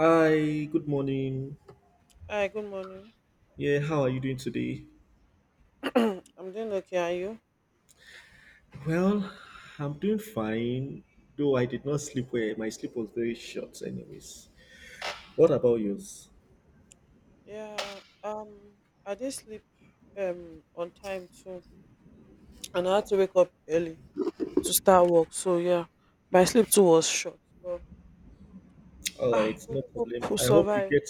Hi, good morning. Hi, good morning. Yeah, how are you doing today? I'm doing okay. Are you? Well, I'm doing fine, though I did not sleep well. My sleep was very short, anyways. What about Um, yours? yeah. I did sleep on time too, and I had to wake up early to start work. So yeah, my sleep too was short, but All right, we no hope problem. we I hope you survive. get,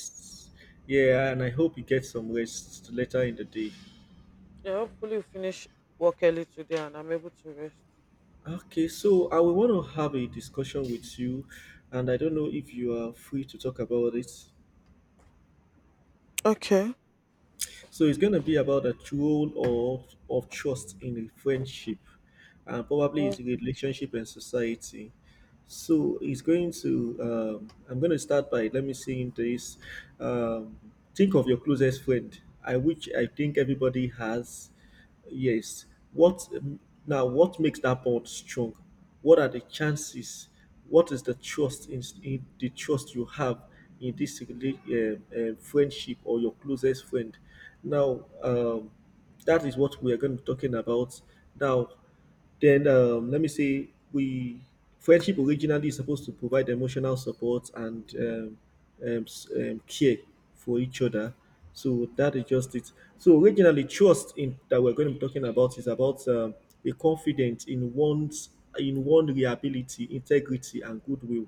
yeah, and I hope you get some rest later in the day. Yeah, hopefully we finish work early today, and I'm able to rest. Okay, so I will want to have a discussion with you, and I don't know if you are free to talk about it. Okay. So it's going to be about the role of trust in a friendship, and probably it's a Mm. relationship and society. So it's going to, I'm going to start by, let me see in this, um, think of your closest friend, which I think everybody has. Yes. What now? What makes that bond strong? What are the chances? What is the trust you have in this friendship or your closest friend? Now, um, that is what we are going to be talking about now. Then let me say we friendship originally is supposed to provide emotional support and care for each other. So that is just it. So originally, trust in that we're going to be talking about is about a confidence in one reliability, integrity, and goodwill.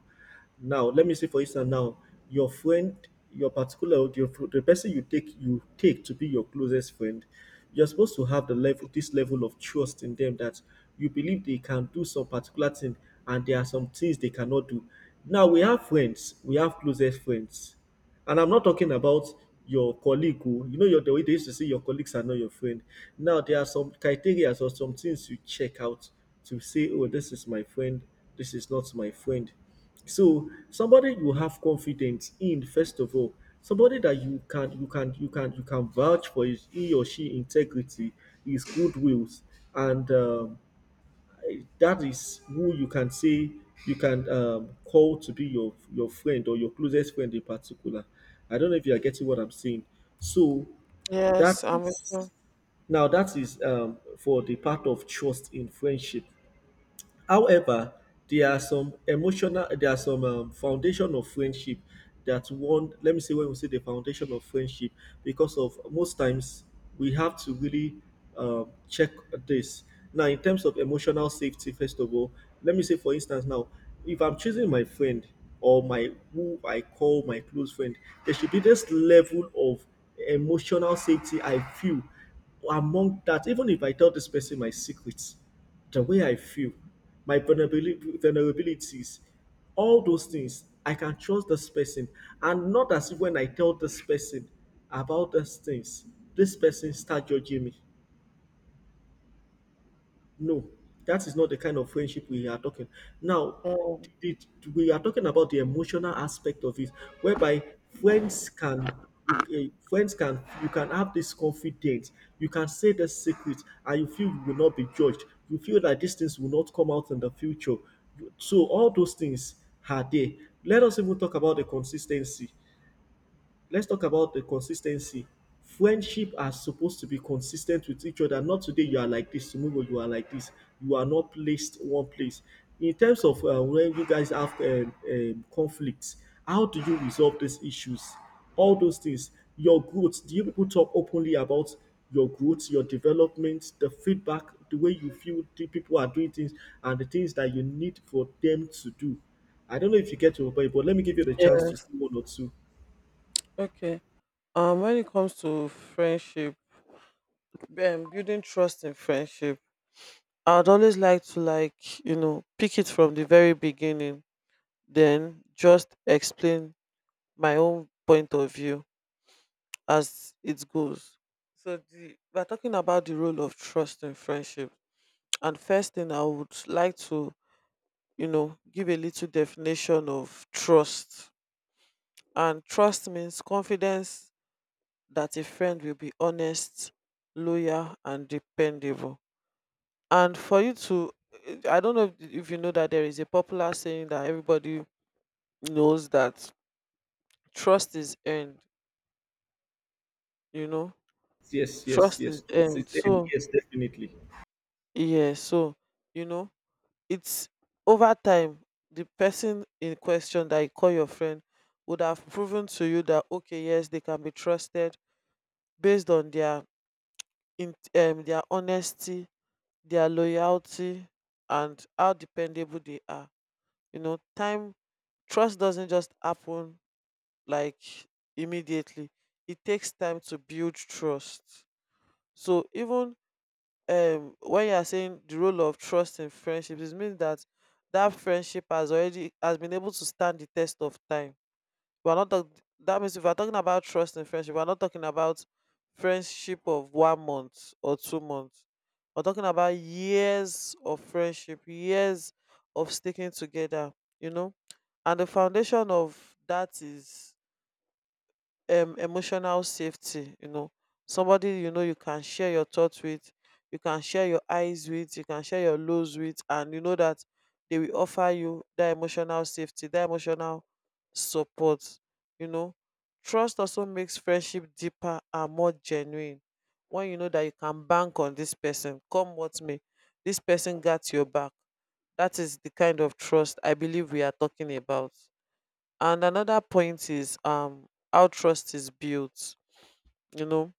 Now, let me say for instance, now your friend, your the person you take to be your closest friend, you're supposed to have the level this level of trust in them that you believe they can do some particular thing, and there are some things they cannot do. Now we have friends, we have closest friends. And I'm not talking about your colleague who, you know, the way they used to say your colleagues are not your friend. Now, there are some criteria or some things you check out to say, oh, this is my friend, this is not my friend. So somebody you have confidence in, first of all, somebody that you can vouch for his he or she integrity, his good wills, and that is who you can say you can call to be your friend or your closest friend in particular. I don't know if you are getting what I'm saying. So that Yes, I'm with is you. that is for the part of trust in friendship. However, there are some foundation of friendship that one, let me say when we say the foundation of friendship, because of most times we have to really check this. Now, in terms of emotional safety, first of all, let me say for instance now, if I'm choosing my friend or my who I call my close friend, there should be this level of emotional safety I feel among that, even if I tell this person my secrets, the way I feel, my vulnerabilities, all those things, I can trust this person. And not as if when I tell this person about these things, this person start judging me. No, that is not the kind of friendship we are talking. Now, Mm. We are talking about the emotional aspect of it, whereby friends can friends can, you can have this confidence, you can say the secret, and you feel you will not be judged. You feel that these things will not come out in the future. So all those things are there. Let us even talk about the consistency let's talk about the consistency. Friendship are supposed to be consistent with each other. Not today you are like this, tomorrow you are like this. You are not placed one place. In terms of when you guys have conflicts, how do you resolve these issues? All those things. Your growth. Do you people talk openly about your growth, your development, the feedback, the way you feel the people are doing things, and the things that you need for them to do? I don't know if you get to a point, but let me give you the chance Yeah. to say one or two. Okay. When it comes to friendship, building trust in friendship. I'd always like to like, you know, pick it from the very beginning, then just explain my own point of view as it goes. So we're talking about the role of trust in friendship. And first thing I would like to, you know, give a little definition of trust. And trust means confidence that a friend will be honest, loyal and dependable and for you to I don't know if you know that there is a popular saying that everybody knows that trust is earned, you know, Yes, yes, trust is yes. Towards earned. its end, So yes, definitely. yeah, so you know, it's over time the person in question that you call your friend would have proven to you that okay, yes, they can be trusted based on their their honesty, their loyalty, and how dependable they are, you know. Time, trust doesn't just happen like immediately. It takes time to build trust. So even when you are saying the role of trust in friendships, it means that that friendship has already has been able to stand the test of time. We're not talk- That means if we're talking about trust in friendship, we're not talking about friendship of one month or two months. We're talking about years of friendship, years of sticking together, you know. And the foundation of that is emotional safety, you know, somebody you know you can share your thoughts with, you can share your eyes with, you can share your lows with, and you know that they will offer you that emotional safety, that emotional support, you know. Trust also makes friendship deeper and more genuine. When you know that you can bank on this person come what may, this person got your back, that is the kind of trust I believe we are talking about. And another point is how trust is built. You know,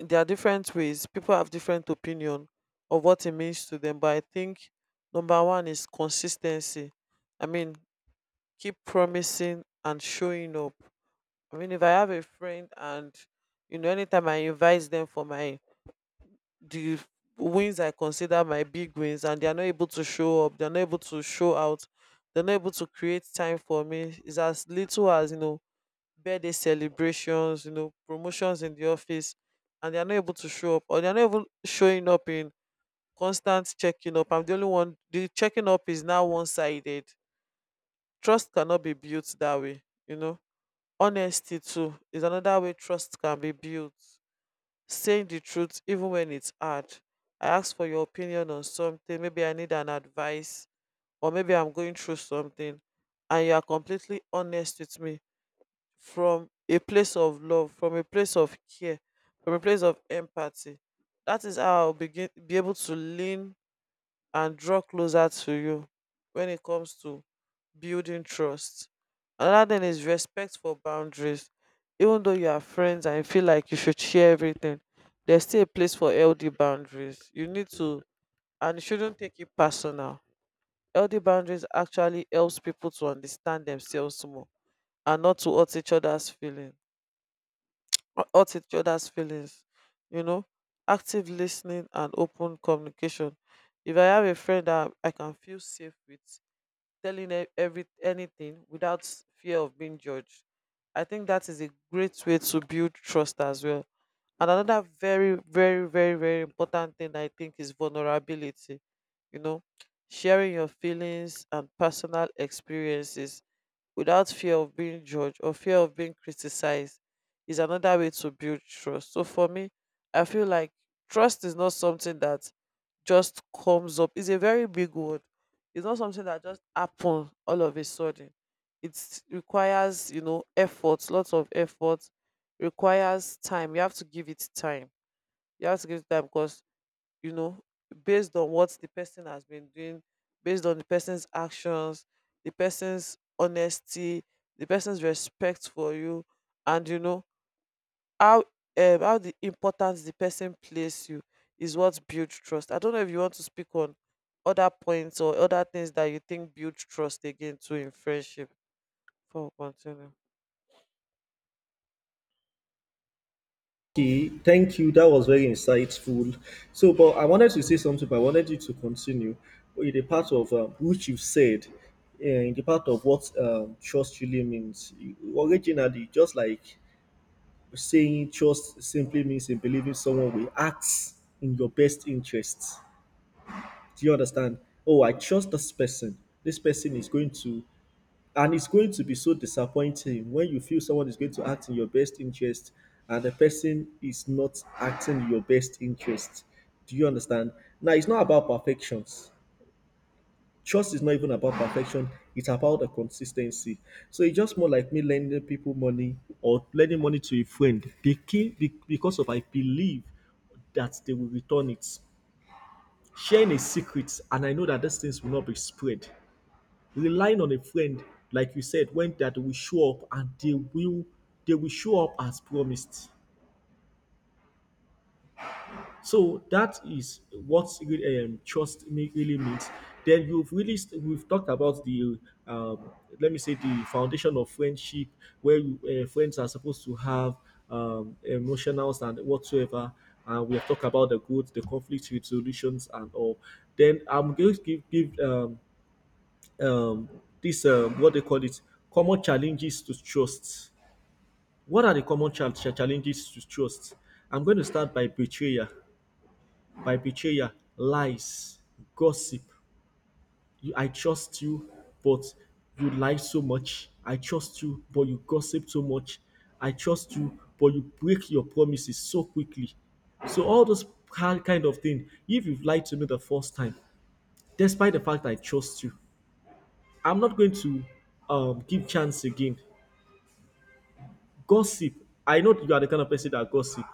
there are different ways. People have different opinion of what it means to them. But I think number one is consistency. I mean, keep promising and showing up. I mean, if I have a friend and, you know, anytime I invite them for my the wins I consider my big wins, and they are not able to show up, they're not able to show out, they're not able to create time for me. It's as little as, you know, birthday celebrations, you know, promotions in the office, and they are not able to show up, or they are not even showing up in constant checking up. I'm the only one. The checking up is now one-sided. Trust cannot be built that way. You know, honesty too is another way trust can be built. Saying the truth even when it's hard. I ask for your opinion on something. Maybe I need an advice, or maybe I'm going through something, and you are completely honest with me from a place of love, from a place of care, from a place of empathy. That is how I'll begin be able to lean and draw closer to you when it comes to building trust. Another thing is respect for boundaries. Even though you are friends and you feel like you should share everything, there's still a place for healthy boundaries. You need to, and you shouldn't take it personal. Healthy boundaries actually helps people to understand themselves more and not to hurt each other's feelings or hurt each other's feelings, you know. Active listening and open communication, if I have a friend that I can feel safe with telling every anything without fear of being judged, I think that is a great way to build trust as well. And another very important thing I think is vulnerability, you know, sharing your feelings and personal experiences without fear of being judged or fear of being criticized is another way to build trust. So for me, I feel like trust is not something that just comes up. It's a very big word. It's not something that just happens all of a sudden. It requires, you know, effort, lots of effort, requires time. You have to give it time. You have to give it time because, you know, based on what the person has been doing, based on the person's actions, the person's honesty, the person's respect for you, and you know how how the importance the person place you is what builds trust. I don't know if you want to speak on other points or other things that you think build trust again too in friendship for continue. Okay, thank you. That was very insightful. So, but I wanted to say something, but I wanted you to continue in the part of which you've said, in the part of what trust really means. Originally, just like saying trust simply means in believing someone will act in your best interests. Do you understand? Oh, I trust this person. This person is going to. And it's going to be so disappointing when you feel someone is going to act in your best interest and the person is not acting in your best interest. Do you understand? Now, it's not about perfections. Trust is not even about perfection, it's about the consistency. So it's just more like me lending people money or lending money to a friend because of I believe that they will return it. Sharing a secret, and I know that these things will not be spread, relying on a friend, like you said, when that will show up and they will show up as promised. So that is what really, trust me really means. Then you've we've talked about the um, let me say the foundation of friendship where friends are supposed to have emotionals and whatsoever, and we have talked about the conflict resolutions and all. Then I'm going to give um, this, what they call it, common challenges to trust. What are the common challenges to trust? I'm going to start by betrayal, lies, gossip. You, I trust you, but you lie so much. I trust you, but you gossip so much. I trust you, but you break your promises so quickly. So all those kind of thing. If you've lied to me the first time, despite the fact I trust you, I'm not going to give chance again. Gossip. I know you are the kind of person that gossip.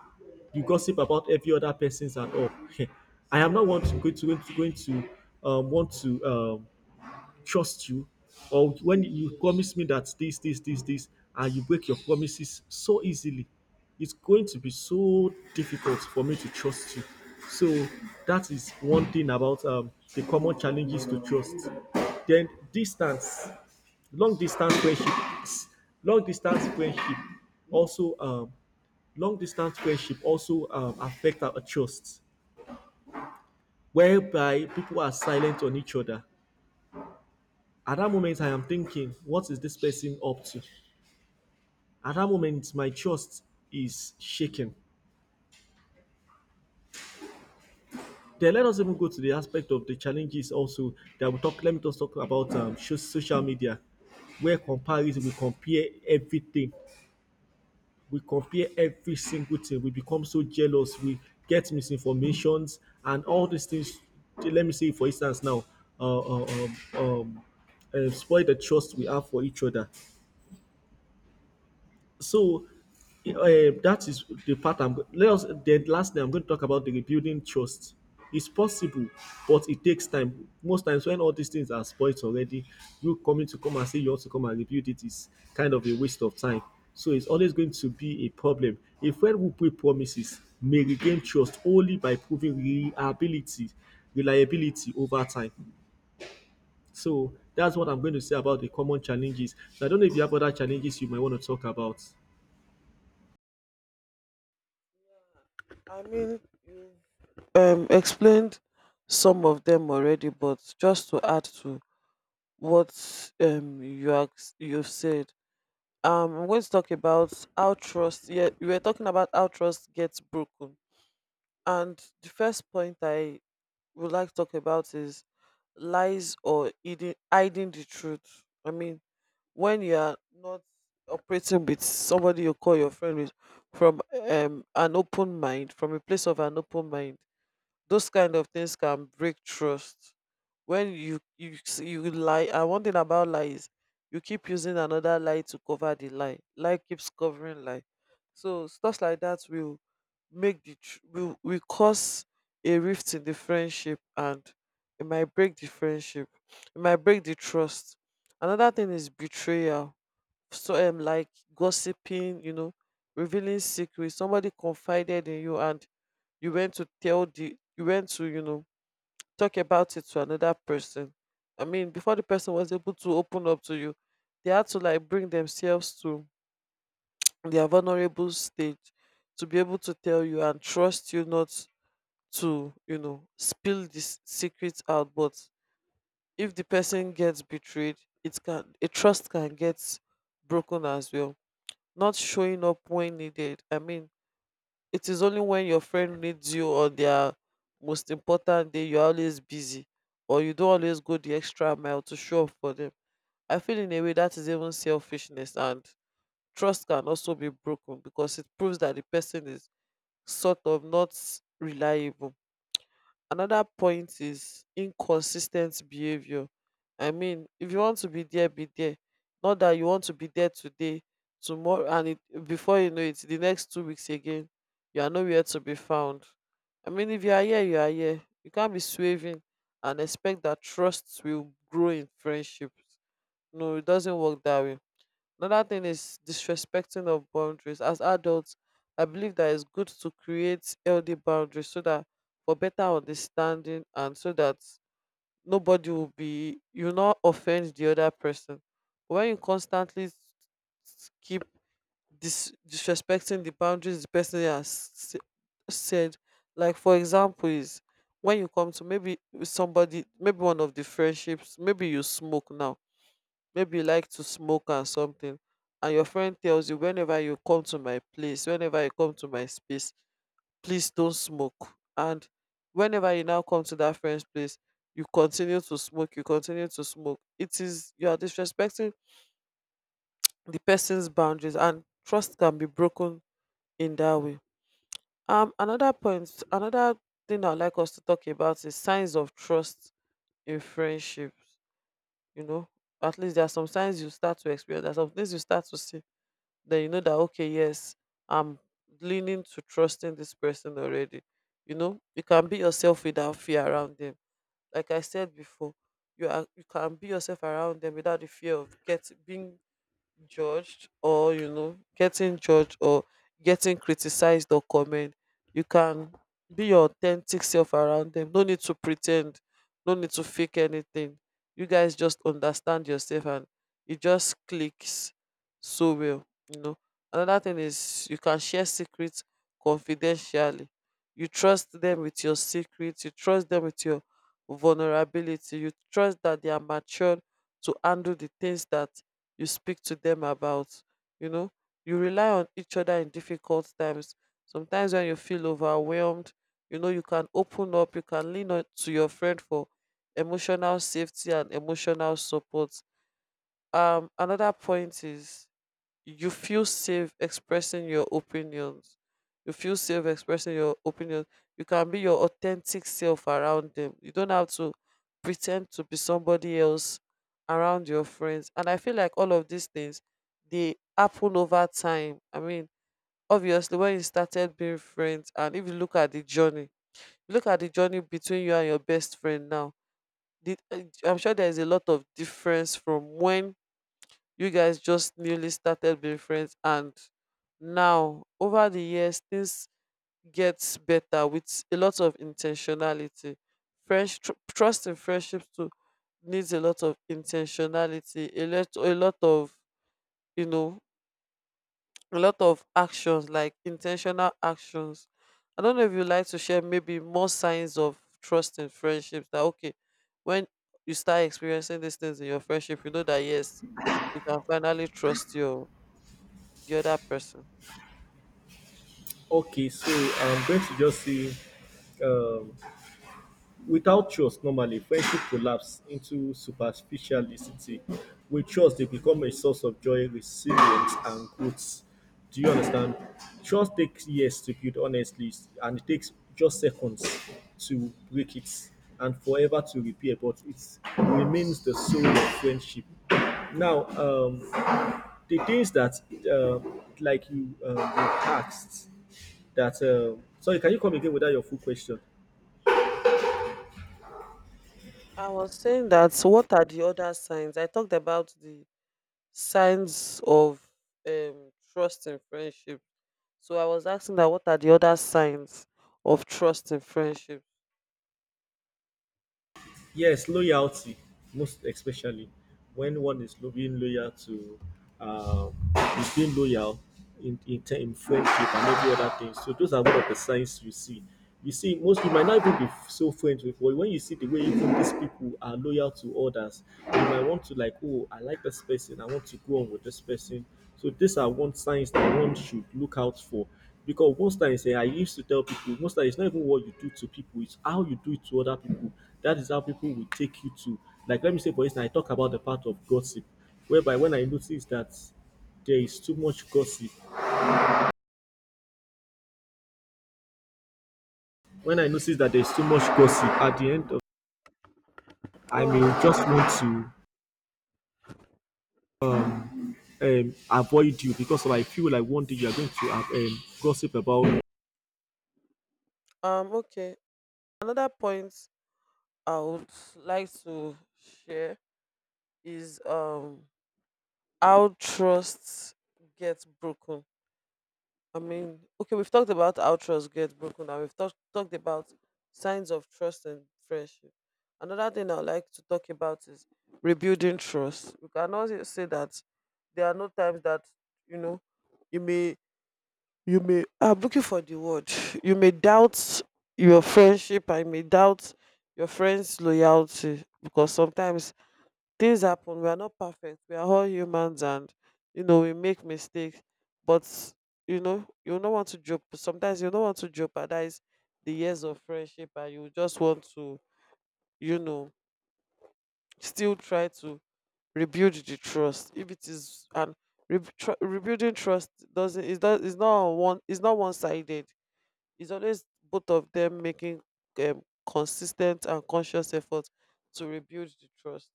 You gossip about every other person's and all. I am not want to going to going to, going to want to trust you, or when you promise me that this, and you break your promises so easily, it's going to be so difficult for me to trust you. So that is one thing about the common challenges to trust. Then distance, long distance friendship long distance friendship also long distance friendship also affect our trust, whereby people are silent on each other. At that moment I am thinking, what is this person up to? At that moment my trust is shaken. Then let us even go to the aspect of the challenges also that we talk let me just talk about, social media, where comparison, we compare everything, we compare every single thing, we become so jealous, we get misinformations, and all these things, let me say for instance now, uh, uh, um, um, spoil the trust we have for each other. So that is the part I'm. Go- Let us. Then lastly, I'm going to talk about the rebuilding trust. It's possible, but it takes time. Most times, when all these things are spoiled already, you coming to come and say you want to come and rebuild it is kind of a waste of time. So it's always going to be a problem. A friend who break promises may regain trust only by proving reliability over time. So that's what I'm going to say about the common challenges. So I don't know if you have other challenges you might want to talk about. I mean, you explained some of them already, but just to add to what you asked, you've said. I'm going to talk about how trust. Yeah, we were talking about how trust gets broken, and the first point I would like to talk about is lies or hiding the truth. I mean, when you are not operating with somebody you call your friend with, from an open mind, from a place of an open mind, those kind of things can break trust. When you you lie, and one thing about lie is you keep using another lie to cover the lie, lie keeps covering lie. So stuff like that will make the tr- will cause a rift in the friendship, and it might break the friendship, it might break the trust. Another thing is betrayal. So like gossiping, you know, revealing secrets somebody confided in you, and you went to, you know, talk about it to another person. I mean, before the person was able to open up to you, they had to like bring themselves to their vulnerable stage to be able to tell you and trust you not to, you know, spill this secret out. But if the person gets betrayed, it can a trust can get broken as well. Not showing up when needed. I mean, it is only when your friend needs you on their most important day you're always busy, or you don't always go the extra mile to show up for them. I feel in a way that is even selfishness, and trust can also be broken because it proves that the person is sort of not reliable. Another point is inconsistent behavior. I mean, if you want to be there, be there. Not that you want to be there today, tomorrow, and it, before you know it, the next two weeks again, you are nowhere to be found. I mean, if you are here, you are here. You can't be swerving and expect that trust will grow in friendships. No, it doesn't work that way. Another thing is disrespecting of boundaries. As adults, I believe that it's good to create healthy boundaries so that for better understanding and so that nobody will be you will not offend the other person. When you constantly keep disrespecting the boundaries the person has said, like for example, is when you come to maybe somebody, maybe one of the friendships, maybe you smoke now, maybe you like to smoke and something, and your friend tells you whenever you come to my place, whenever you come to my space, please don't smoke. And whenever you now come to that friend's place, you continue to smoke, you continue to smoke, it is you are disrespecting the person's boundaries, and trust can be broken in that way. Another point, another thing I'd like us to talk about is signs of trust in friendships. You know, at least there are some signs you start to experience, there are some things you start to see, then you know that okay, yes, I'm leaning to trusting this person already. You know, you can be yourself without fear around them. Like I said before, you can be yourself around them without the fear of get being judged, or you know, getting judged or getting criticized or comment. You can be your authentic self around them, no need to pretend, no need to fake anything. You guys just understand yourself, and it just clicks so well, you know. Another thing is you can share secrets confidentially. You trust them with your secrets, you trust them with your vulnerability, you trust that they are mature to handle the things that you speak to them about, you know. You rely on each other in difficult times. Sometimes when you feel overwhelmed, you know you can open up, you can lean on to your Friend for emotional safety and emotional support. Another point is you feel safe expressing your opinions. You feel safe expressing your opinions. You can be your authentic self around them. You don't have to pretend to be somebody else around your friends. And I feel like all of these things, they happen over time. I mean, obviously when you started being friends, and if you look at the journey, look at the journey between you and your best friend now. The, I'm sure there is a lot of difference from when you guys just newly started being friends, and now over the years, things gets better with a lot of intentionality. Fresh trust in friendships too needs a lot of intentionality, a lot of, you know, a lot of actions, like intentional actions. I don't know if you like to share maybe more signs of trust in friendships. That okay, when you start experiencing these things in your friendship, you know that yes, you can finally trust your the other person. Okay, so I'm going to just say, um, without trust, normally friendship collapse into superficiality. With trust, they become a source of joy, resilience, and growth. Do you understand? Trust takes years to build, honestly, and it takes just seconds to break it and forever to repair, but it remains the soul of friendship. Now, the things that, you asked, that. Sorry, can you come again with that your full question? I was saying, that what are the other signs? I talked about the signs of trust in friendship. So I was asking, that what are the other signs of trust in friendship? Yes, loyalty, most especially when one is being loyal to, um, is being loyal in friendship and every other thing. So those are one of the signs you see. You see, most you might not even be so friends with, but when you see the way even these people are loyal to others, you might want to like, oh, I like this person, I want to go on with this person. So these are one signs that one should look out for. Because most times, I used to tell people, most times it's not even what you do to people, it's how you do it to other people that is how people will take you to. Like, let me say, for instance, I talk about the part of gossip, whereby when I notice that there is too much gossip, when I notice that there is too much gossip, at the end of, I may Oh, okay. just want to avoid you because I feel like one day you are going to gossip about. Okay. Another point I would like to share is, um, how trust gets broken. I mean, okay, we've talked about how trust gets broken and we've talked about signs of trust and friendship. Another thing I like to talk about is rebuilding trust. We cannot say that there are no times that, you know, you may you may, I'm looking for the word. You may doubt your friendship, I may doubt your friend's loyalty, because sometimes things happen. We are not perfect, we are all humans, and you know, we make mistakes. But you know, you don't want to joke, sometimes you don't want to jeopardize the years of friendship, and you just want to, you know, still try to rebuild the trust if it is. And rebuilding trust doesn't, it's not on one, it's not one-sided. It's always both of them making consistent and conscious effort to rebuild the trust.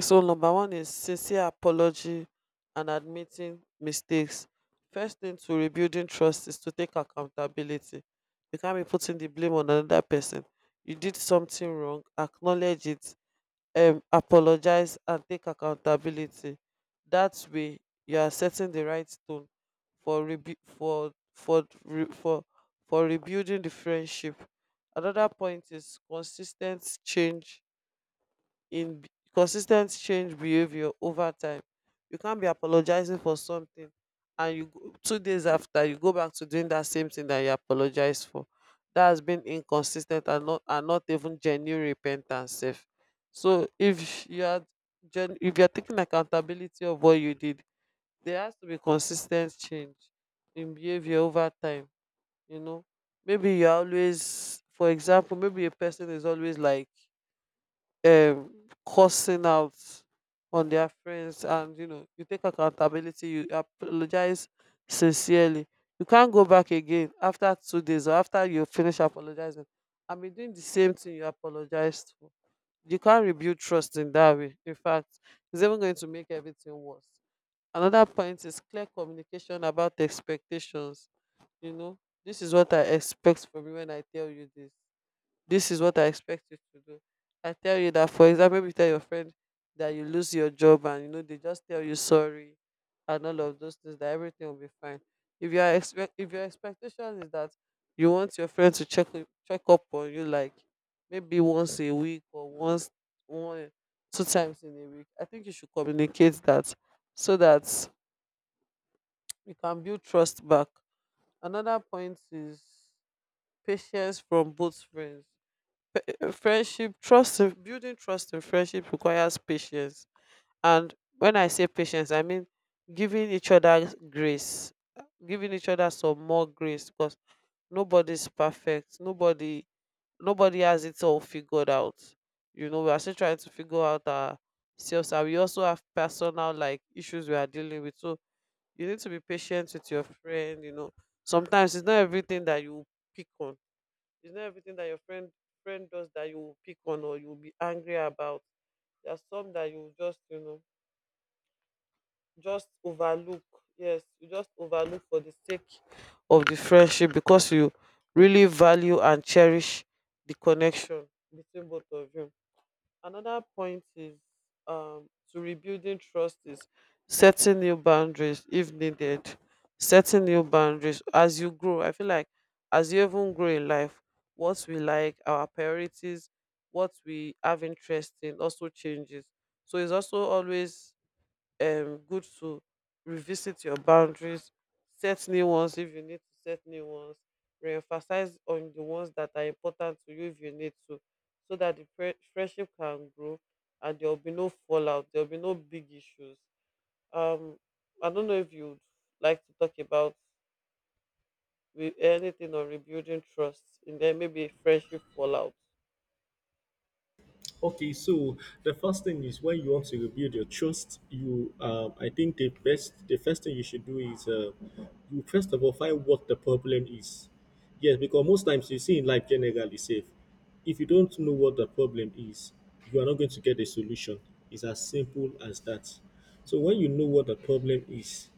So number one is sincere apology and admitting mistakes. First thing to rebuilding trust is to take accountability. You can't be putting the blame on another person. You did something wrong, acknowledge it, apologize and take accountability. That way you are setting the right tone for for rebuilding the friendship. Another point is consistent change in b- consistent change behavior over time. You can't be apologizing for something and you go 2 days after, you go back to doing that same thing that you apologize for. That has been inconsistent, and not even genuine repentance sef. So if you are if you are taking accountability of what you did, there has to be consistent change in behavior over time. You know, maybe you're always, for example, maybe a person is always like, um, cursing out on their friends, and you know, you take accountability, you apologize sincerely. You can't go back again after 2 days, or after you finish apologizing and be doing the same thing you apologized for. You can't rebuild trust in that way. In fact, it's even going to make everything worse. Another point is clear communication about expectations. You know, this is what I expect from you. When I tell you this, this is what I expect you to do. I tell you that, for example, if you tell your friend that you lose your job, and you know, they just tell you sorry and all of those things, that everything will be fine. If your expectation is that you want your friend to check check up on you, like maybe once a week, or once, 1, 2 times in a week, I think you should communicate that so that you can build trust back. Another point is patience from both friends. A building trust in friendship requires patience. And when I say patience, I mean giving each other grace, giving each other some more grace. Because nobody's perfect, nobody has it all figured out. You know, we're still trying to figure out ourselves, and we also have personal like issues we are dealing with. So you need to be patient with your friend. You know, sometimes it's not everything that you pick on. It's not everything that your friend does that you will pick on or you will be angry about. There's some that you just, you know, just overlook. Yes, you just overlook for the sake of the friendship, because you really value and cherish the connection between both of you. Another point is, um, to rebuilding trust is setting new boundaries if needed. Setting new boundaries as you grow. I feel like as you even grow in life, what we like, our priorities, what we have interest in also changes. So it's also always, um, good to revisit your boundaries, set new ones if you need to set new ones, reemphasize on the ones that are important to you if you need to, so that the friendship can grow, and there will be no fallout, there will be no big issues. Um, I don't know if you'd like to talk about anything on rebuilding trust in there, maybe friendship fallout. Okay, so the first thing is when you want to rebuild your trust, you I think the first thing you should do is you first of all find what the problem is. Yes, because most times you see in life generally safe. If you don't know what the problem is, you are not going to get a solution. It's as simple as that. So when you know what the problem is,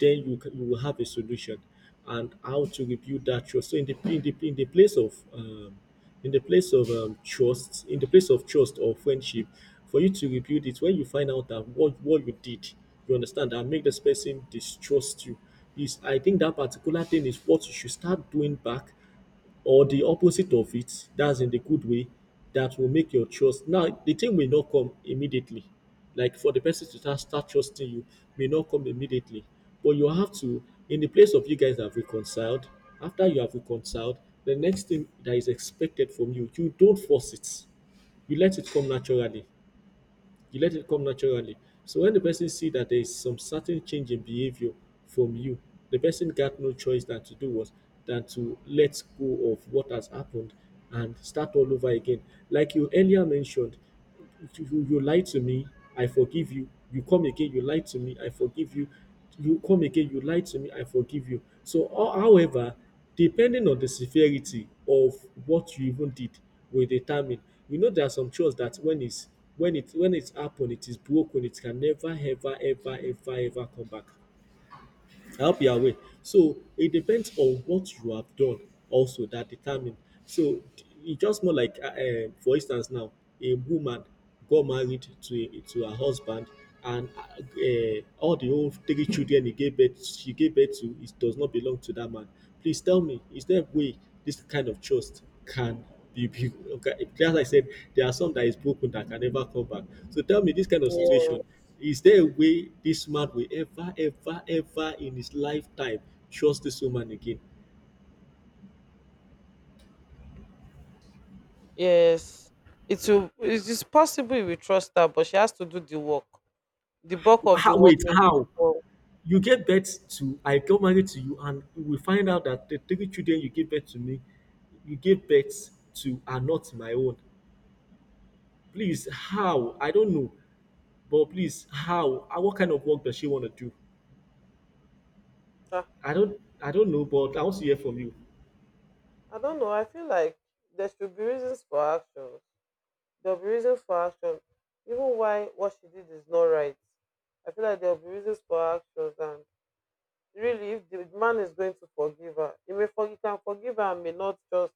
then you will have a solution and how to rebuild that trust, so in the place of in the place of trust, in the place of trust or friendship, for you to rebuild it, when you find out that what you did, you understand that make this person distrust you is, I think that particular thing is what you should start doing back, or the opposite of it, that's in the good way, that will make your trust. Now, the thing may not come immediately. Like for the person to start trusting you, may not come immediately. But you have to, in the place of you guys have reconciled, after you have reconciled, the next thing that is expected from you, you don't force it. You let it come naturally, you let it come naturally so when the person see that there is some certain change in behavior from you, the person got no choice than to do what, than to let go of what has happened and start all over again. Like you earlier mentioned, you lied to me, I forgive you. You come again, you lied to me, I forgive you. You come again, you lied to me, I forgive you. So however, depending on the severity of what you even did will determine. You know there are some trust that when it's when it's happen, it is broken, it can never ever ever ever ever come back. I hope you are aware. So it depends on what you have done also that determine. So it's just more like, for instance, now a woman got married to to her husband, and all the old three children he gave birth she gave birth to, it does not belong to that man. Please tell me, is there a way this kind of trust can be built? Okay, as I said, there are some that is broken that can never come back. So tell me, this kind of Yeah. situation, is there a way this man will ever, ever, ever in his lifetime trust this woman again? Yes, it will. It is possible we trust her, but she has to do the work. The bulk of the How, wait, workplace how? before. You get birth to, I got married to you, and we find out that the three children you gave birth to are not my own. Please, how? I don't know, but please, how? Ah, what kind of work does she want to do? Ah, I don't know, but I want to hear from you. I don't know. I feel like there should be reasons for action. There'll be reasons for action. Even why what she did is not right. I feel like there'll be reasons for actions. And really, if the man is going to forgive her, he may forgive, can forgive her and may not just,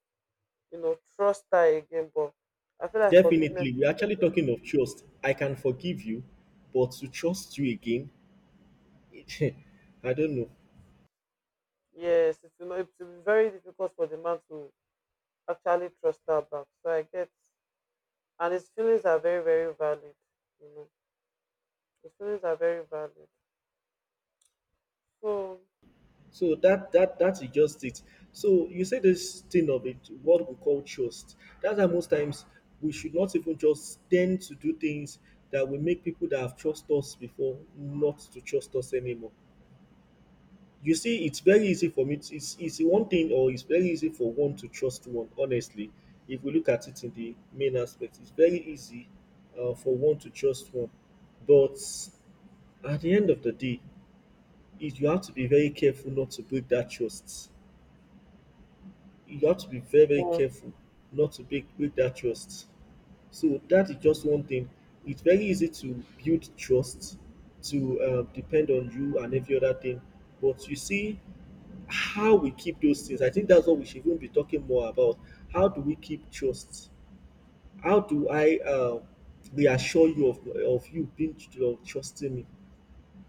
you know, trust her again. But I feel like forgiveness, Definitely, we're actually talking of trust. I can forgive you, but to trust you again, I don't know. yes, it's, you know, it's very difficult for the man to actually trust her back. So I get, and his feelings are very, very valid, you know. The stories are very valid. So So that is just it. So you say this thing of it, what we call trust. That's why most times we should not even just tend to do things that will make people that have trusted us before not to trust us anymore. You see, it's very easy for me. To, it's one thing, or it's very easy for one to trust one. Honestly, if we look at it in the main aspect, it's very easy for one to trust one. But at the end of the day, is you have to be very careful not to break that trust. You have to be very very Mm. careful not to break that trust. So that is just one thing. It's very easy to build trust, to depend on you and every other thing. But you see how we keep those things. I think that's what we should even be talking more about. How do we keep trust? How do I reassure you of you being of trusting me?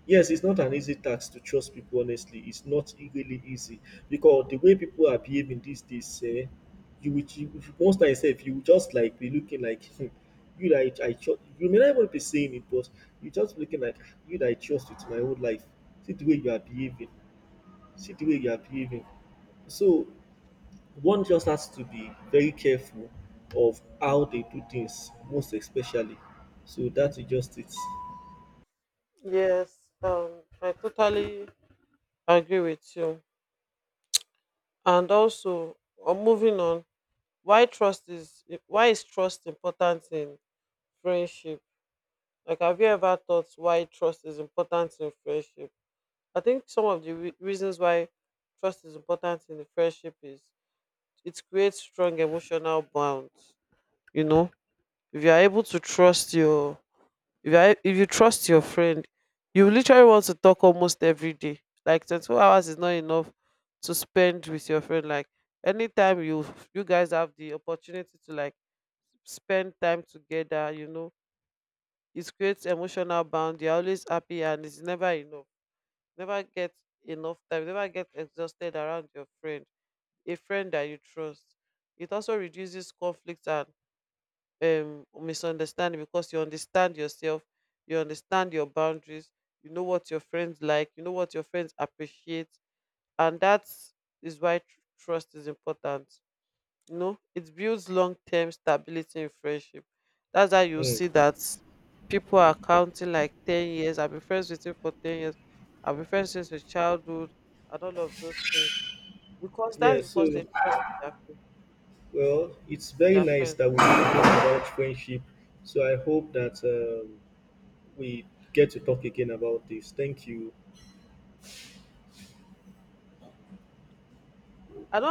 Yes, it's not an easy task to trust people honestly. It's not really easy because the way people are behaving these days, you will if most times sef you will just like be looking like hmm, you that I trust. You may not even be saying it, but you just looking like "Ah, you that I trust with my whole life. See the way you are behaving. See the way you are behaving." So one just has to be very careful of how they do things, most especially. So that is just it. Yes, I totally agree with you. And also, moving on, why is trust important in friendship? Like, have you ever thought why trust is important in friendship? I think some of the reasons why trust is important in the friendship is it creates strong emotional bonds. You know, if you are able to trust your if you are, if you trust your friend, you literally want to talk almost every day. Like 24 hours is not enough to spend with your friend. Like anytime you, you guys have the opportunity to like spend time together, you know, it creates emotional bond. You're always happy and it's never enough. Never get enough time. Never get exhausted around your friend. A friend that you trust. It also reduces conflict and misunderstanding, because you understand yourself, you understand your boundaries, you know what your friends like, you know what your friends appreciate. And that is why trust is important. You know, it builds long-term stability in friendship. That's how you Mm. see that people are counting like, 10 years I've been friends with you, for 10 years I've been friends since your childhood and all of those things, because Yeah. that's because So, they trust well, it's very their nice friends. that we really talk about friendship. So I hope that we get to talk again about this. Thank you. I don't